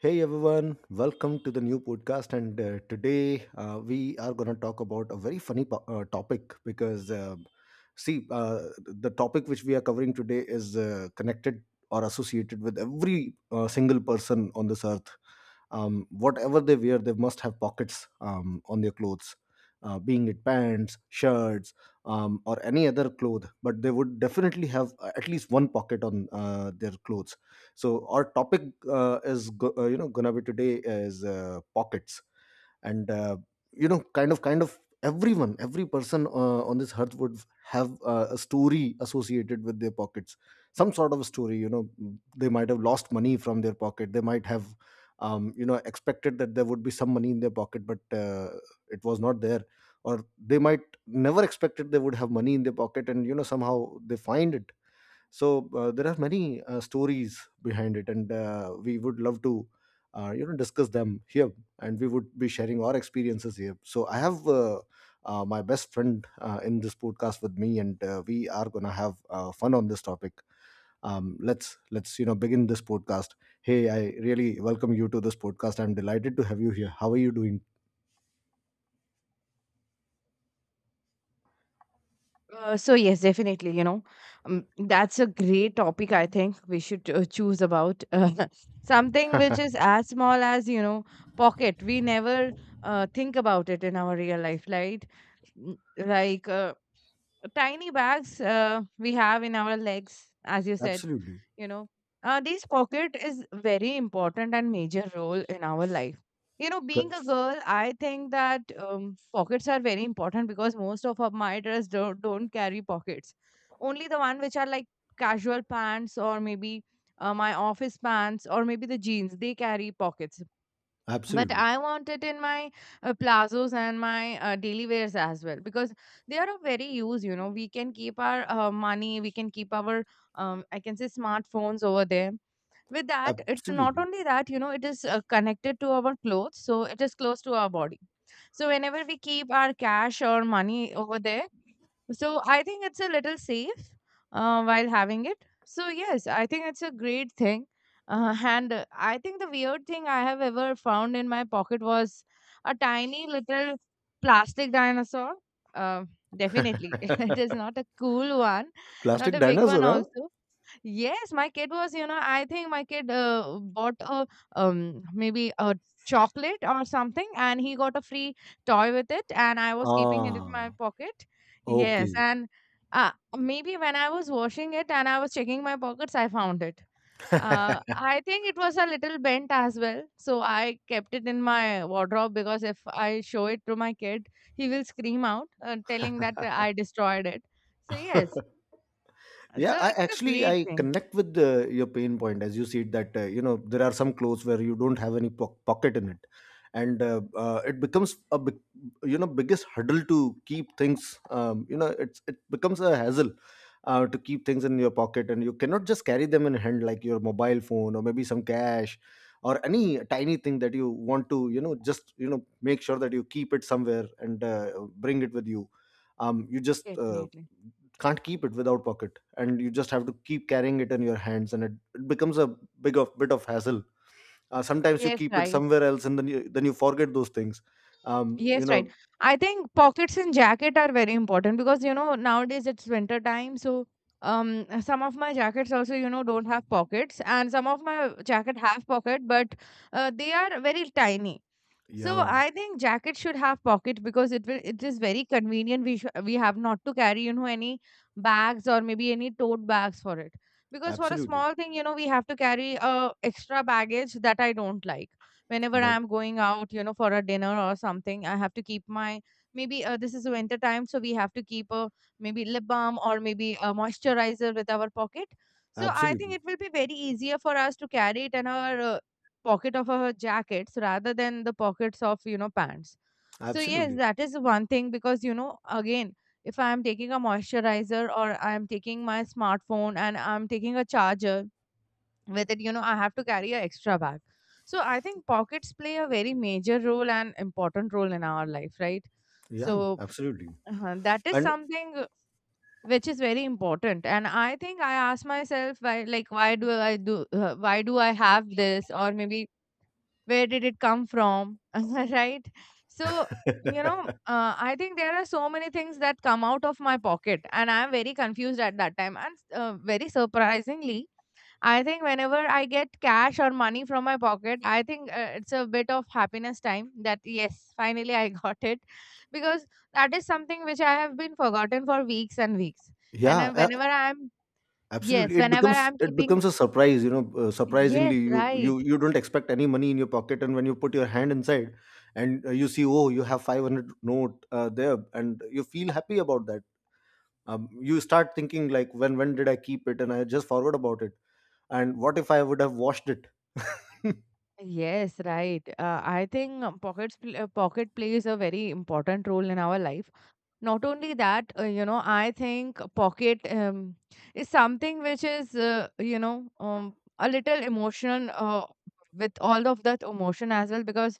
Hey everyone, welcome to the new podcast. And today we are going to talk about a very funny topic because, see, uh, the topic which we are covering today is connected or associated with every single person on this earth. Whatever they wear, they must have pockets on their clothes, being it pants, shirts, or any other cloth, but they would definitely have at least one pocket on their clothes. So our topic is go- you know gonna be today is pockets. And kind of every person on this earth would have a story associated with their pockets, some sort of a story. They might have lost money from their pocket. They might have expected that there would be some money in their pocket but it was not there, or they might never expected they would have money in their pocket and you know somehow they find it. So there are many stories behind it, and we would love to discuss them here, and we would be sharing our experiences here. So I have my best friend in this podcast with me, and we are going to have fun on this topic. Let's begin this podcast. Hey, I really welcome you to this podcast. I'm delighted to have you here. How are you doing? So yes, definitely. You know, that's a great topic. I think we should choose about something which is as small as you know, pocket. We never think about it in our real life, right? Mm, like tiny bags we have in our legs, as you said, Absolutely. you know, these pocket is very important and major role in our life, you know, C- being a girl. I think that pockets are very important because most of my dress don't carry pockets, only the one which are like casual pants, or maybe my office pants, or maybe the jeans, they carry pockets. But Absolutely. I want it in my plazos and my daily wears as well, because they are of very use. You know, we can keep our money, we can keep our I can say smartphones over there. With that, it's not Absolutely. only that, you know, it is connected to our clothes, so it is close to our body. So whenever we keep our cash or money over there, so I think it's a little safe while having it. So yes, I think it's a great thing. And I think the weird thing I have ever found in my pocket was a tiny little plastic dinosaur. Uh, definitely, it is not a cool one, not Plastic a big one dinosaur, huh? also. Yes, my kid was, you know, I think my kid bought a maybe a chocolate or something, and he got a free toy with it, and I was keeping it in my Ah, pocket. Yes, okay. and uh, maybe when I was washing it and I was checking my pockets, I found it. I think it was a little bent as well, so I kept it in my wardrobe, because if I show it to my kid, he will scream out, telling that I destroyed it. So yes, Yeah, so i it's a actually great i thing. connect with your pain point, as you said that there are some clothes where you don't have any pocket in it, and it becomes a biggest hurdle to keep things. It's, it becomes a hassle to keep things in your pocket, and you cannot just carry them in hand like your mobile phone or maybe some cash or any tiny thing that you want to you know just you know make sure that you keep it somewhere and bring it with you. You just Definitely. can't keep it without pocket, and you just have to keep carrying it in your hands, and it becomes a big of bit of hassle. Sometimes you Yes, keep it right. somewhere else and then you forget those things. um Yes, you right. know I think pockets and jacket are very important, because you know nowadays it's winter time, so um some of my jackets also, you know, don't have pockets, and some of my jacket have pocket, but they are very tiny. So yeah, I think jacket should have pocket, because it will it is very convenient. We we have not to carry, you know, any bags or maybe any tote bags for it, because for a absolutely. small thing, you know, we have to carry a extra baggage that I don't like. Whenever I That. am going out, you know, for a dinner or something, I have to keep my maybe this is winter time, so we have to keep a maybe lip balm or maybe a moisturizer with our pocket. So I think Absolutely. it will be very easier for us to carry it, and our pocket of our jackets rather than the pockets of, you know, pants. So yes, Absolutely. that is one thing, because you know again, if I am taking a moisturizer or I am taking my smartphone and I'm taking a charger with it, you know, I have to carry an extra bag. So I think pockets play a very major role and important role in our life, right? Yeah, So absolutely. That is And something which is very important. And I think I ask myself why, like why do I do why do I have this, or maybe where did it come from? Right? So, you know, I think there are so many things that come out of my pocket, and I am very confused at that time, and very surprisingly, I think whenever I get cash or money from my pocket, I think it's a bit of happiness time that yes, finally I got it, because that is something which I have been forgotten for weeks and weeks. And yeah, whenever i'm yes absolutely. It whenever becomes, i'm it keeping, becomes a surprise, you know, surprisingly yes you, right. you don't expect any money in your pocket, and when you put your hand inside and you see, oh, you have 500 note there and you feel happy about that. You start thinking like when did I keep it and I just forgot about it, and what if I would have washed it. Yes, right. I think uh, pocket plays a very important role in our life. Not only that, you know, I think pocket is something which is, you know, a little emotional, with all of that emotion as well, because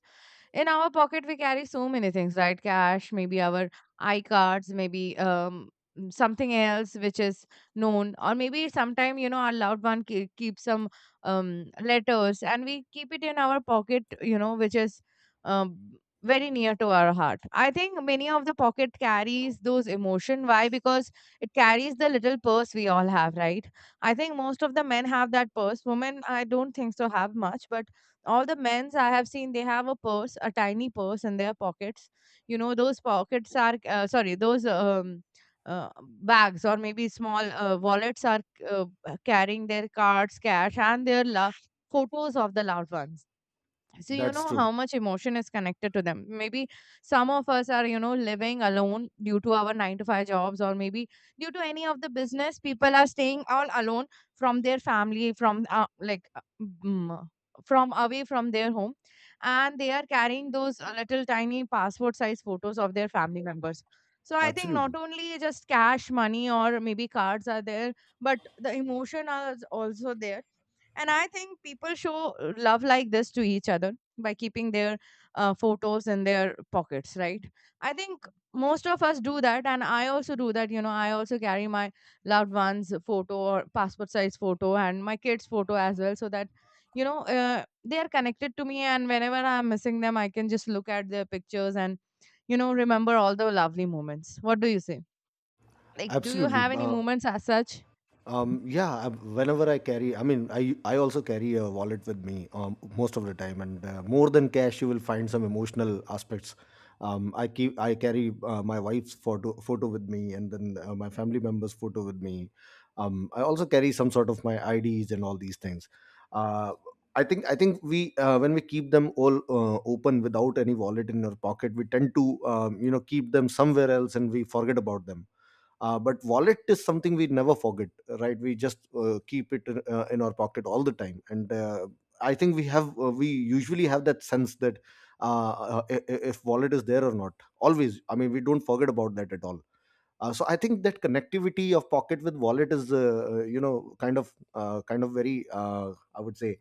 in our pocket we carry so many things, right? Cash, maybe our I cards, maybe something else which is known, or maybe sometime, you know, our loved one keep some um letters, and we keep it in our pocket, you know, which is um, very near to our heart. I think many of the pocket carries those emotion. Why? Because it carries the little purse we all have, right? I think most of the men have that purse. Women, I don't think so have much, but all the men's I have seen, they have a purse, a tiny purse in their pockets. You know, those pockets are, sorry, those uh, bags or maybe small wallets are uh, carrying their cards, cash, and their love photos of the loved ones. So, you That's know how true. much emotion is connected to them. Maybe some of us are, you know, living alone due to our 9 to 5 jobs, or maybe due to any of the business, people are staying all alone from their family, from mm, from away from their home, and they are carrying those little tiny passport size photos of their family members. So, I think not Absolutely. only just cash, money, or maybe cards are there, but the emotion is also there, and I think people show love like this to each other by keeping their photos in their pockets, right? I think most of us do that, and I also do that. You know, I also carry my loved ones' photo or passport size photo and my kids' photo as well, so that you know they are connected to me. And whenever I'm missing them, I can just look at their pictures and you know remember all the lovely moments. What do you say? Like, do you Absolutely. have any moments as such? Um, yeah, I- Whenever I carry, I mean, I also carry a wallet with me most of the time, and more than cash, you will find some emotional aspects. I carry my wife's photo with me, and then my family members' photo with me. I also carry some sort of my IDs and all these things. Uh, I think we when we keep them all open without any wallet in our pocket, we tend to keep them somewhere else, and we forget about them. But wallet is something we never forget, right? We just keep it in our pocket all the time, and I think we have we usually have that sense that if wallet is there or not, always. I mean, we don't forget about that at all. So I think that connectivity of pocket with wallet is kind of very I would say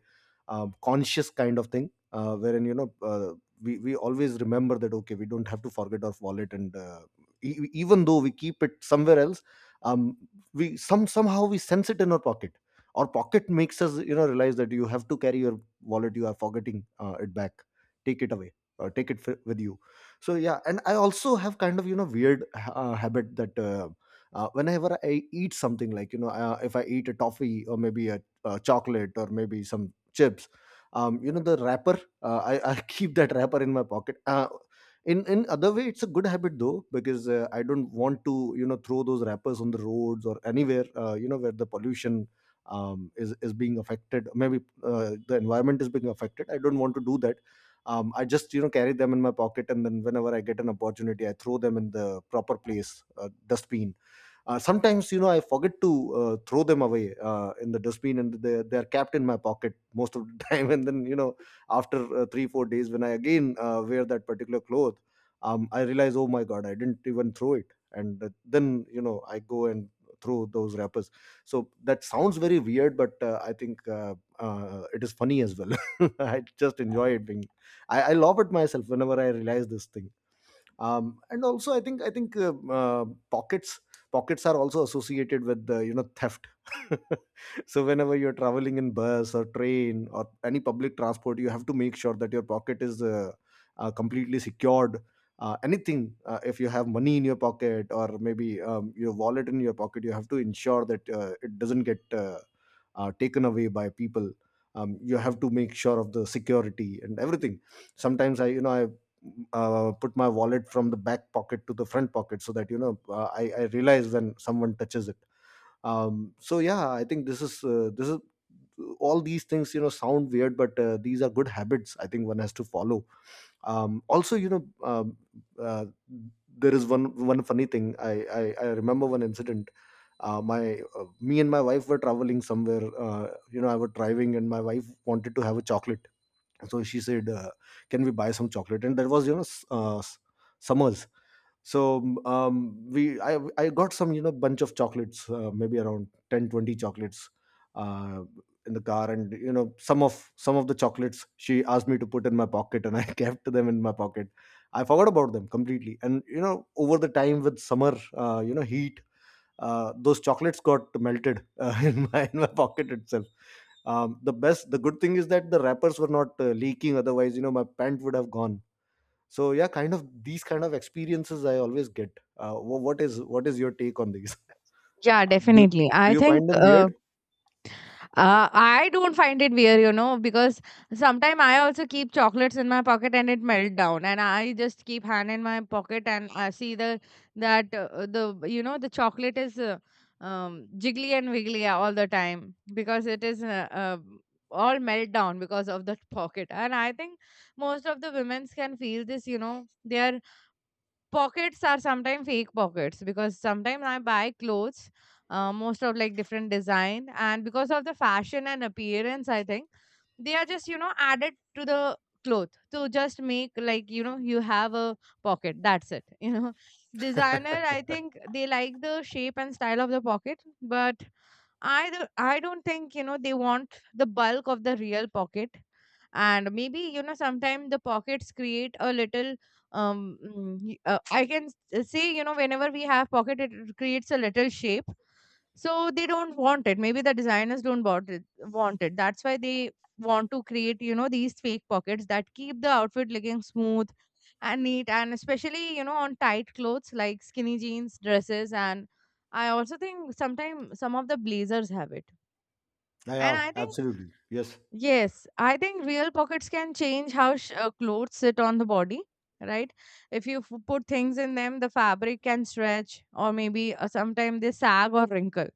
conscious kind of thing, wherein we always remember that, okay, we don't have to forget our wallet, and even though we keep it somewhere else, um, we somehow we sense it in our pocket. Our pocket makes us, you know, realize that you have to carry your wallet, you are forgetting it back, take it away, take it with you. So yeah, and I also have kind of, you know, weird habit that whenever I eat something, like, you know, if I eat a toffee or maybe a chocolate or maybe some chips, you know, the wrapper I keep that wrapper in my pocket. In other way, it's a good habit though, because I don't want to you know throw those wrappers on the roads or anywhere you know where the pollution is being affected, maybe the environment is being affected. I don't want to do that. I just you know carry them in my pocket, and then whenever I get an opportunity I throw them in the proper place, dustbin. Sometimes you know I forget to throw them away in the dustbin, and they're kept in my pocket most of the time, and then you know after 3 or 4 days when I again wear that particular cloth, I realize, oh my god, I didn't even throw it, and then you know I go and throw those wrappers. So that sounds very weird, but I think it is funny as well. I just enjoy it being I laugh at myself whenever I realize this thing. And also I think, pockets, pockets are also associated with the you know theft. So whenever you're traveling in bus or train or any public transport, you have to make sure that your pocket is completely secured. Anything, if you have money in your pocket or maybe your wallet in your pocket, you have to ensure that it doesn't get taken away by people. You have to make sure of the security and everything. Sometimes i you know i put my wallet from the back pocket to the front pocket so that you know I realize when someone touches it. So yeah, I think this is all these things you know sound weird, but these are good habits, I think one has to follow. Um, also you know um, uh, there is one funny thing I remember, one incident. My Me and my wife were traveling somewhere, you know, I was driving and my wife wanted to have a chocolate. So she said can we buy some chocolate, and that was you know summers. So I got some you know bunch of chocolates, maybe around 10 or 20 chocolates uh, in the car, and you know some of the chocolates she asked me to put in my pocket, and I kept them in my pocket. I forgot about them completely, and you know over the time with summer you know heat, those chocolates got melted in my pocket itself. The good thing is that the wrappers were not leaking, otherwise you know my pant would have gone. So yeah, kind of these kind of experiences I always get. Uh, wh- what is what is your take on these? Yeah, Uh, do, definitely. do I you think find them weird? uh, I don't find it weird, you know, because sometimes I also keep chocolates in my pocket and it melt down, and I just keep hand in my pocket and I see the that the you know the chocolate is jiggly and wiggly all the time because it is all melt down because of that pocket, and I think most of the women's can feel this, you know, they are pockets are sometimes fake pockets, because sometimes I buy clothes, most of like different design, and because of the fashion and appearance, I think they are just you know added to the cloth to just make like you know you have a pocket, that's it. You know, designer, I think they like the shape and style of the pocket, but I don't think you know they want the bulk of the real pocket. And maybe you know sometimes the pockets create a little I can say, you know, whenever we have pocket, it creates a little shape, so they don't want it, maybe the designers don't want it want it, that's why they want to create, you know, these fake pockets that keep the outfit looking smooth and neat, and especially, you know, on tight clothes like skinny jeans, dresses, and I also think sometimes some of the blazers have it. And Yeah, I think absolutely. Yes. yes, I think real pockets can change how clothes sit on the body, right? If you put things in them, the fabric can stretch, or maybe sometimes they sag or wrinkle.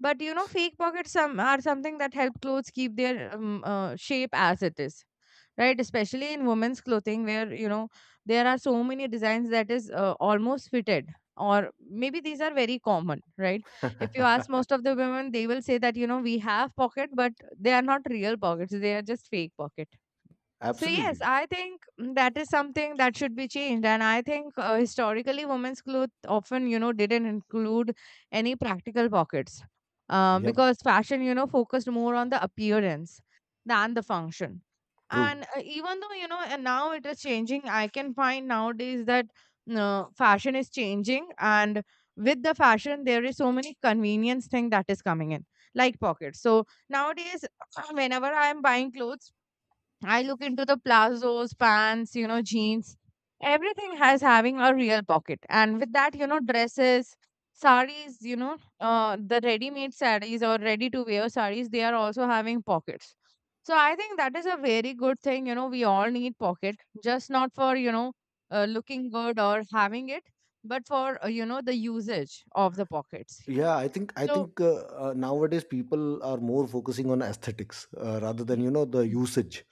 But you know, fake pockets some are something that help clothes keep their shape as it is, right? Especially in women's clothing, where you know there are so many designs that is almost fitted, or maybe these are very common, right? If you ask most of the women, they will say that you know we have pocket, but they are not real pockets; they are just fake pocket. So yes, Absolutely. I think that is something that should be changed, and I think historically, women's clothes often, you know, didn't include any practical pockets, Yeah. because fashion, you know, focused more on the appearance than the function. True. And even though you know, and now it is changing, I can find nowadays that fashion is changing, and with the fashion, there is so many convenience thing that is coming in, like pockets. So nowadays, whenever I am buying clothes, I look into the plazos, pants, you know, jeans. Everything has having a real pocket. And with that, you know, dresses, saris, you know, the ready-made saris or ready-to-wear saris, they are also having pockets. So I think that is a very good thing. You know, we all need pocket, just not for, you know, looking good or having it, but for, you know, the usage of the pockets. Yeah, I think, I So, think uh, uh, nowadays people are more focusing on aesthetics rather than y- you know the usage.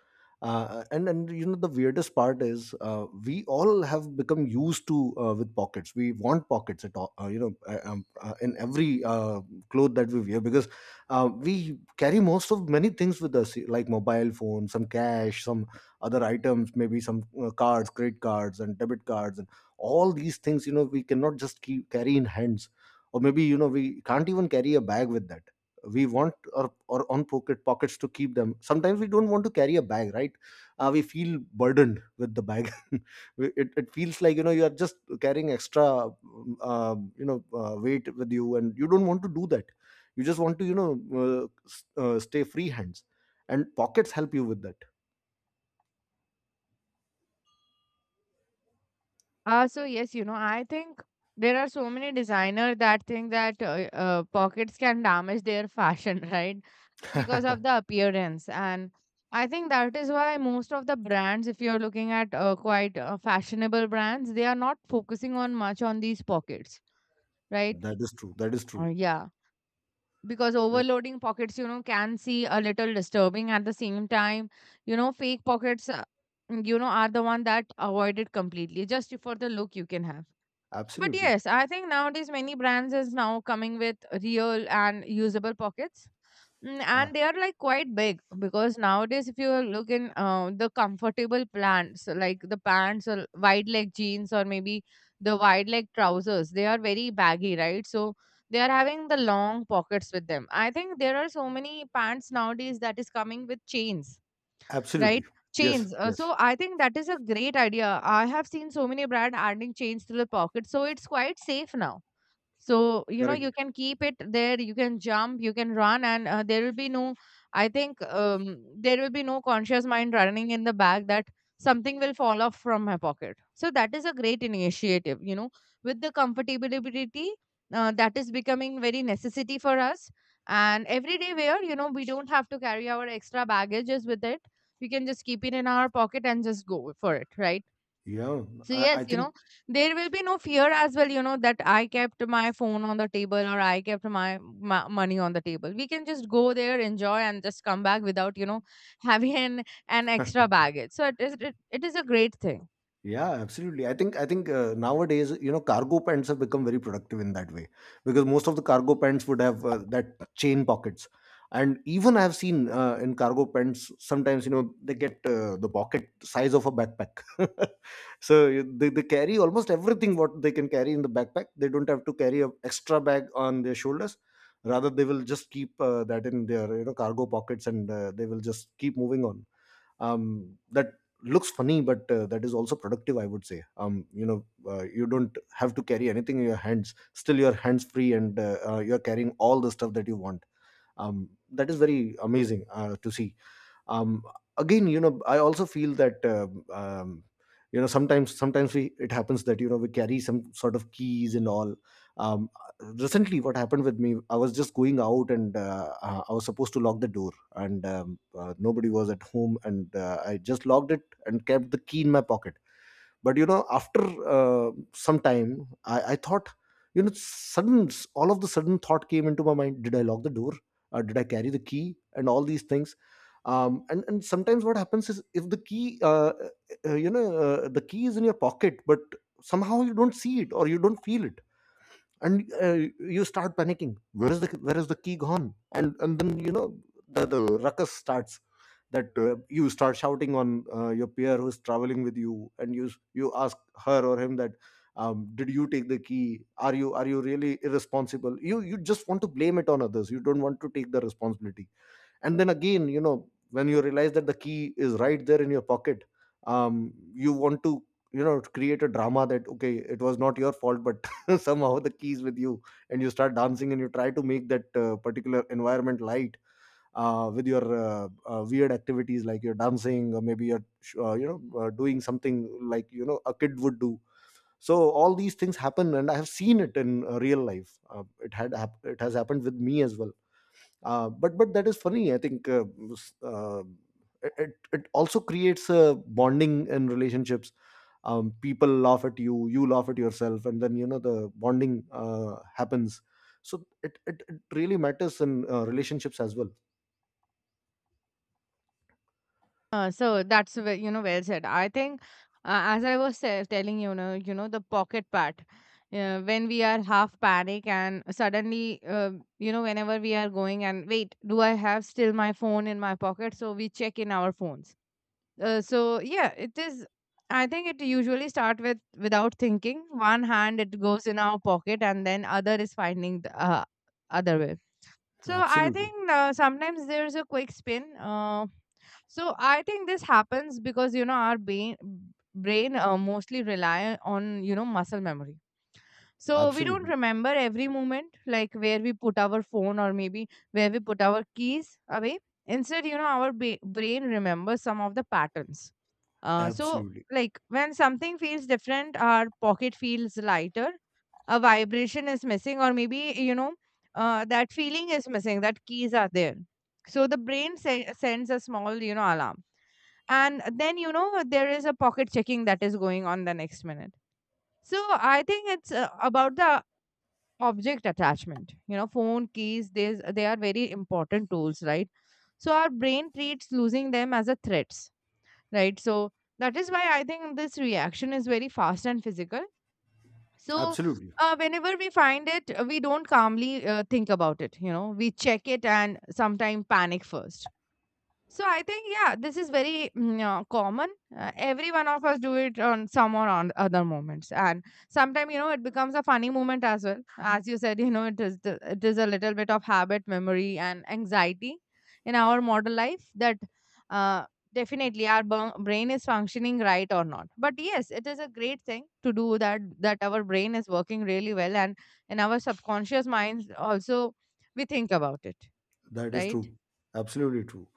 And you know the weirdest part is we all have become used to with pockets. We want pockets at all, in every cloth that we wear, because we carry most of many things with us, like mobile phone, some cash, some other items, maybe some cards, credit cards, and debit cards, and all these things. You know, we cannot just keep carry in hands, or maybe we can't even carry a bag with that. We want our own pockets to keep them. Sometimes we don't want to carry a bag, right? We feel burdened with the bag. It feels like, you are just carrying extra weight with you, and you don't want to do that. You just want to, stay free hands, and pockets help you with so yes, you know, I think there are so many designer that think that pockets can damage their fashion, right? Because that. of the appearance. And I think that is why most of the brands, if you're looking at quite fashionable brands, they are not focusing on much on these pockets, right? That is true. That is true. Yeah. Because that, overloading pockets, you know, can see a little disturbing at the same time. You know, fake pockets, you know, are the one that avoid it completely just for the look you can have, but Absolutely. yes, I think nowadays many brands is now coming with real and usable pockets. Mm. uh, And they are like quite big because nowadays, if you look in the comfortable pants, like the pants or wide leg jeans or maybe the wide leg trousers, they are very baggy, right? So they are having the long pockets with them. I think there are so many pants nowadays that is coming with chains, Absolutely. right? Yes. Chains. Yes. So I think that is a great idea. I have seen so many brand adding chains to the pocket, so it's quite safe now, so you know you Correct. can keep it there, you can jump, you can run, and there will be no, I think there will be no conscious mind running in the back that something will fall off from my pocket. So that is a great initiative, you know, with the comfortability that is becoming very necessity for us. And everyday wear, you know, we don't have to carry our extra baggages with it. We can just keep it in our pocket and just go for it, right? Yeah, So yes, I you think. know, there will be no fear as well, you know, that I kept my phone on the table or I kept my, my money on the table. We can just go there, enjoy, and just come back without, you know, having an extra baggage. So it is, it is a great thing. Yeah, absolutely. I think nowadays, cargo pants have become very productive in that way, because most of the cargo pants would have that chain pockets. And even I've seen in cargo pants sometimes, they get the pocket size of a backpack. So they carry almost everything what they can carry in the backpack. They don't have to carry a extra bag on their shoulders. Rather, they will just keep that in their, cargo pockets, and they will just keep moving on. That looks funny, but that is also productive, I would say. You don't have to carry anything in your hands, still your hands free, and you're carrying all the stuff that you want. That is very amazing to see. um, Again, I also feel that, sometimes we, it happens that, we carry some sort of keys and all. um, Recently, what happened with me, I was just going out, and I was supposed to lock the door. And nobody was at home, and I just locked it and kept the key in my pocket. But, after some time, I thought, you know sudden all of the sudden, thought came into my mind, did I lock the door? Did I carry the key and all these things? And sometimes what happens is, if the key, the key is in your pocket, but somehow you don't see it or you don't feel it. And you start panicking, where is the, key gone? And then, the ruckus starts. That you start shouting on your peer who's traveling with you, and you ask her or him that, did you take the key? Are you really irresponsible? You just want to blame it on others. You don't want to take the responsibility. And then again, when you realize that the key is right there in your pocket, you want to, create a drama that, okay, it was not your fault, but somehow the key is with you. And you start dancing, and you try to make that particular environment light, with your weird activities, like you're dancing, or maybe you're doing something like, a kid would do. So all these things happen, and I have seen it in real life. It has happened with me as well. But that is funny, I think. Uh, s- uh, it, it it also creates a bonding in relationships. People laugh at you, you laugh at yourself, and then, the bonding happens. So it really matters in relationships as well. So that's where, you know, well said. I think as I was telling, you know, you know, the pocket part. When we are half panic and suddenly you know, whenever we are going, and wait, do I have still my phone in my pocket? So we check in our phones. So yeah, it is. I think it usually start with without thinking. One hand it goes in our pocket, and then other is finding the other way. So I Absolutely. think sometimes there's a quick spin. So I think this happens because you know our brain mostly rely on, you know, muscle memory, so we don't Absolutely, remember every moment, like where we put our phone or maybe where we put our keys away. Instead, you know, our brain remembers some of the patterns. So, absolutely, like when something feels different, our pocket feels lighter, a vibration is missing, or maybe, you know, that feeling is missing, that keys are there. So the brain sends a small, you know, alarm. And then, you know, there is a pocket checking that is going on the next minute. So I think it's about the object attachment, you know, phone, keys, there's, they are very important tools, right? So our brain treats losing them as a threats, right? So that is why I think this reaction is very fast and physical. So absolutely. Whenever we find it, we don't calmly think about it, you know, we check it, and sometimes panic first. So I think yeah, this is very common. Every one of us do it on some or on other moments, and sometimes you know it becomes a funny moment as well. As you said, you know it is the, it is a little bit of habit, memory, and anxiety in our modern life that uh, definitely our brain is functioning right or not. But yes, it is a great thing to do that that our brain is working really well, and in our subconscious minds also we think about it, That is right? true. Absolutely true.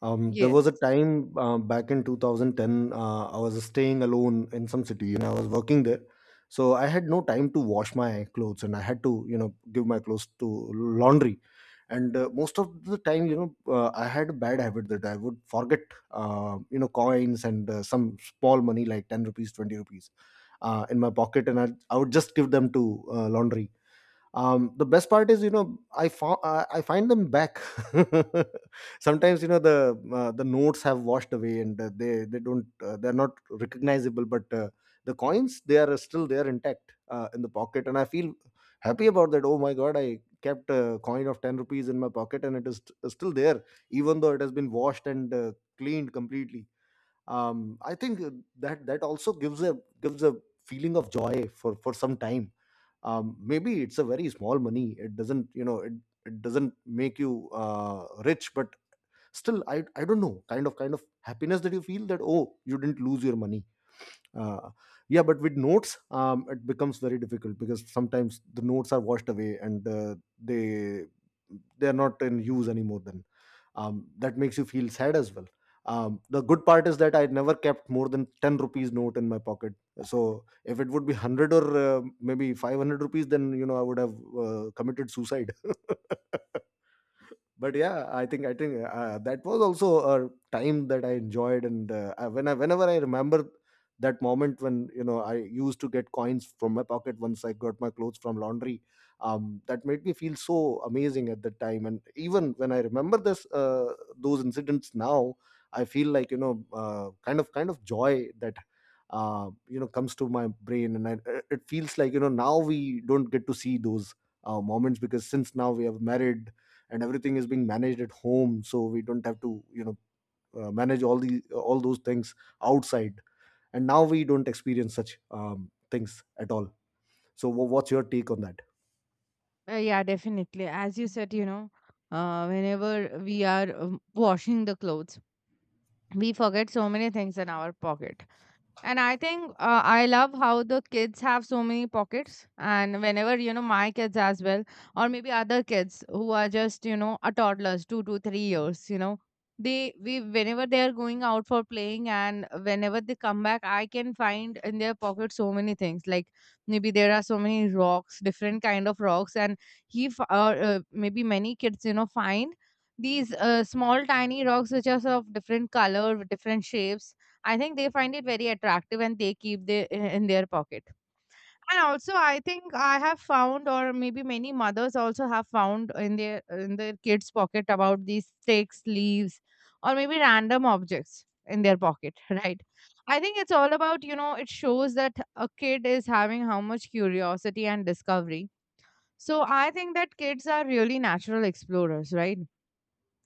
There was a Yes. time back in 2010. I was staying alone in some city, and I was working there. So I had no time to wash my clothes, and I had to, give my clothes to laundry. And most of the time, I had a bad habit that I would forget coins and some small money like 10 rupees, 20 rupees, in my pocket, and I would just give them to laundry. The best part is, I find them back. Sometimes, the notes have washed away, and they're not recognizable, but the coins, they are still there, intact in the pocket, and I feel happy about that. Oh my god, I kept a coin of 10 rupees in my pocket, and it is still there, even though it has been washed and cleaned completely. I think that also gives a feeling of joy for some time. Maybe it's a very small money, it doesn't, it doesn't make you rich, but still I don't know, kind of happiness that you feel that, oh, you didn't lose your money. uh, yeah, but with notes, it becomes very difficult, because sometimes the notes are washed away, and they they are not in use anymore then. That makes you feel sad as well. The good part is that I never kept more than 10 rupees note in my pocket. So if it would be 100, or maybe 500 rupees, then, I would have committed suicide. But yeah, I think that was also a time that I enjoyed. And whenever I remember that moment, when, I used to get coins from my pocket once I got my clothes from laundry, that made me feel so amazing at that time. And even when I remember this those incidents now, I feel like, kind of joy that, uh, comes to my brain, and it feels like, now we don't get to see those moments, because since now we have married, and everything is being managed at home, so we don't have to, manage all those things outside. And now we don't experience such things at all. So what's your take on that? Yeah, definitely. As you said, you know, whenever we are washing the clothes, we forget so many things in our pocket. And I think I love how the kids have so many pockets. And whenever, you know, my kids as well, or maybe other kids who are just, you know, a toddlers, 2 to 3 years, you know, whenever they are going out for playing and whenever they come back, I can find in their pocket so many things. Like maybe there are so many rocks, different kind of rocks. And maybe many kids, you know, find these small tiny rocks which are of different color, with different shapes. I think they find it very attractive and they keep they in their pocket. And also, I think I have found, or maybe many mothers also have found in their kids' pocket about these sticks, leaves, or maybe random objects in their pocket, right? I think it's all about, you know, it shows that a kid is having how much curiosity and discovery. So I think that kids are really natural explorers, right?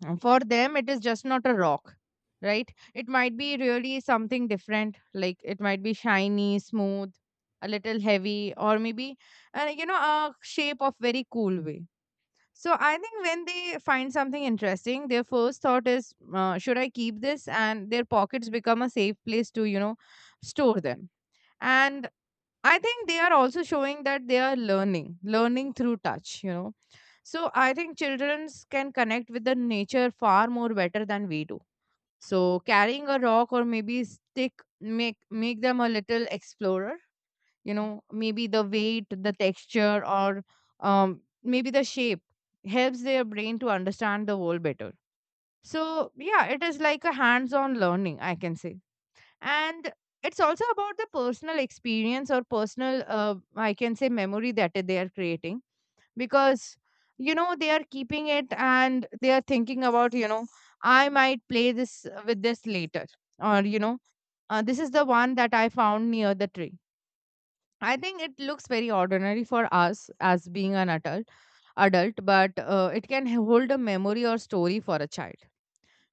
Mm. For them, it is just not a rock, right? It might be really something different. Like it might be shiny, smooth, a little heavy, or maybe, you know, a shape of very cool way. So I think when they find something interesting, their first thought is, should I keep this? And their pockets become a safe place to, you know, store them. And I think they are also showing that they are learning, learning through touch, you know, so I think children can connect with the nature far more better than we do. So carrying a rock or maybe stick make them a little explorer. You know, maybe the weight, the texture, or maybe the shape helps their brain to understand the world better. So yeah, it is like a hands-on learning, I can say, and it's also about the personal experience or personal, I can say, memory that they are creating, because you know they are keeping it and they are thinking about, you know, I might play this with this later, or you know, this is the one that I found near the tree. I think it looks very ordinary for us as being an adult, but it can hold a memory or story for a child,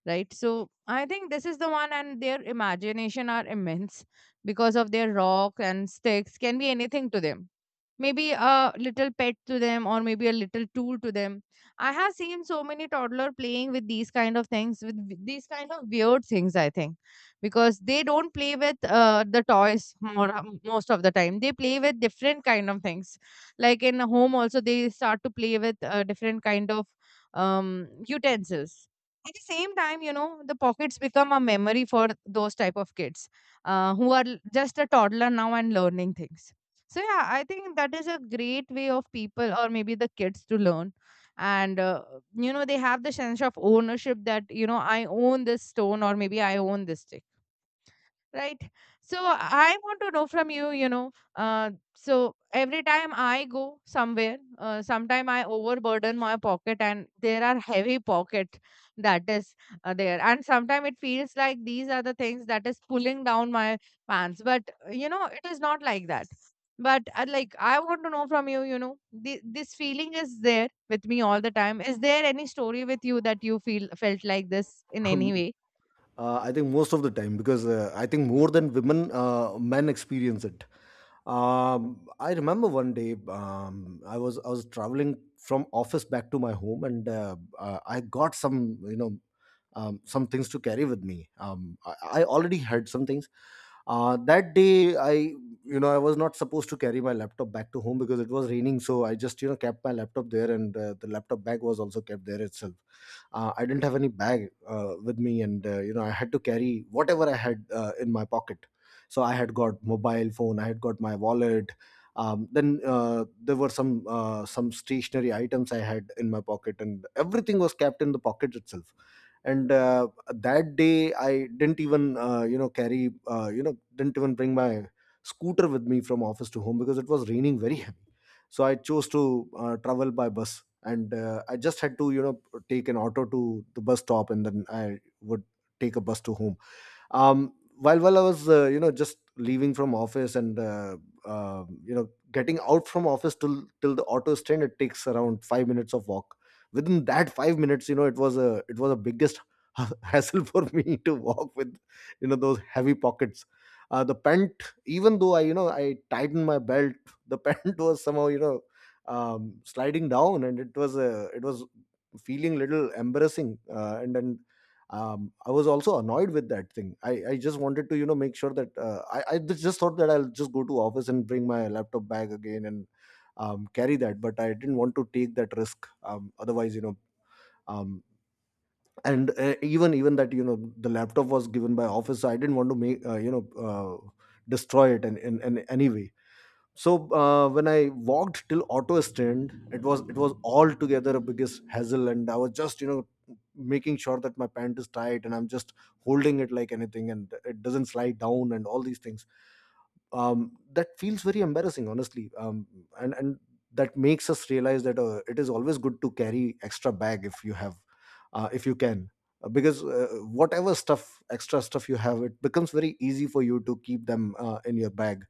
right? So I think this is the one, and their imagination are immense, because of their rock and sticks can be anything to them, maybe a little pet to them or maybe a little tool to them. I have seen so many toddler playing with these kind of things, with these kind of weird things, I think, because they don't play with the toys more. Most of the time they play with different kind of things. Like in a home also they start to play with different kind of um, utensils. At the same time, you know, the pockets become a memory for those type of kids, who are just a toddler now and learning things. So yeah, I think that is a great way of people or maybe the kids to learn. And you know, they have the sense of ownership, that you know I own this stone or maybe I own this thing, right? So I want to know from you, you know, so every time I go somewhere, sometime I overburden my pocket and there are heavy pocket that is there, and sometimes it feels like these are the things that is pulling down my pants, but you know, it is not like that. But like I want to know from you, you know, this feeling is there with me all the time. Is there any story with you that you feel felt like this in any Um, way? I think most of the time, because I think more than women, men experience it. I remember one day, I was traveling from office back to my home, and I got some, you know some things to carry with me. I already had some things. That day, I you know I was not supposed to carry my laptop back to home, because it was raining. So I just, kept my laptop there, and the laptop bag was also kept there itself. I didn't have any bag with me, and I had to carry whatever I had in my pocket. So I had got mobile phone, I had got my wallet. Then there were some stationary items I had in my pocket, and everything was kept in the pocket itself. And that day I didn't even carry you know didn't even bring my scooter with me from office to home, because it was raining very heavy. So I chose to travel by bus. And I just had to, take an auto to the bus stop, and then I would take a bus to home. While I was, just leaving from office, and getting out from office till the auto stand, it takes around 5 minutes of walk. Within that 5 minutes, it was a biggest hassle for me to walk with, those heavy pockets. The pant, even though I you know I tightened my belt, the pant was somehow, sliding down. And it was feeling little embarrassing. And then, I was also annoyed with that thing. I just wanted to, make sure that, I just thought that I'll just go to office and bring my laptop bag again, and carry that, but I didn't want to take that risk. Otherwise, um, and even that, the laptop was given by office, so I didn't want to make, destroy it in any way. So when I walked till auto stand, it was altogether a biggest hassle, and I was just, making sure that my pant is tight, and I'm just holding it like anything, and it doesn't slide down, and all these things. That feels very embarrassing, honestly. And that makes us realize that it is always good to carry extra bag if you have, if you can. Because whatever stuff extra stuff you have, it becomes very easy for you to keep them in your bag.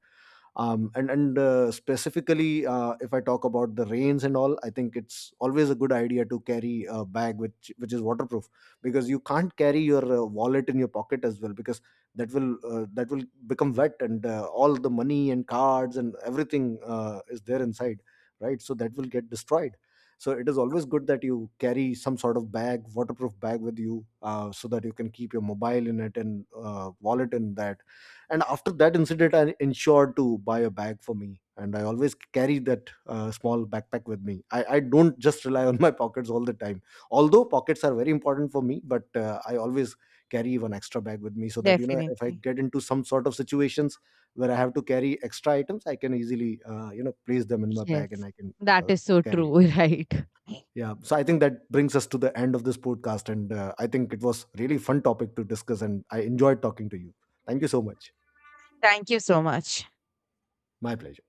And Specifically, if I talk about the rains and all, I think it's always a good idea to carry a bag which is waterproof, because you can't carry your wallet in your pocket as well, because that will become wet, and all the money and cards and everything is there inside, right? So that will get destroyed. So it is always good that you carry some sort of bag, waterproof bag, with you, so that you can keep your mobile in it, and wallet in that. And after that incident, I ensured to buy a bag for me, and I always carry that small backpack with me. I don't just rely on my pockets all the time, although pockets are very important for me, but I always carry one extra bag with me, so that, if I Definitely. get into some sort of situations where I have to carry extra items, I can easily, place them in my bag, and Yes, I can that uh, is so carry it. true, right? Yeah, so I think that brings us to the end of this podcast. And I think it was really fun topic to discuss, and I enjoyed talking to you. Thank you so much. Thank you so much. My pleasure.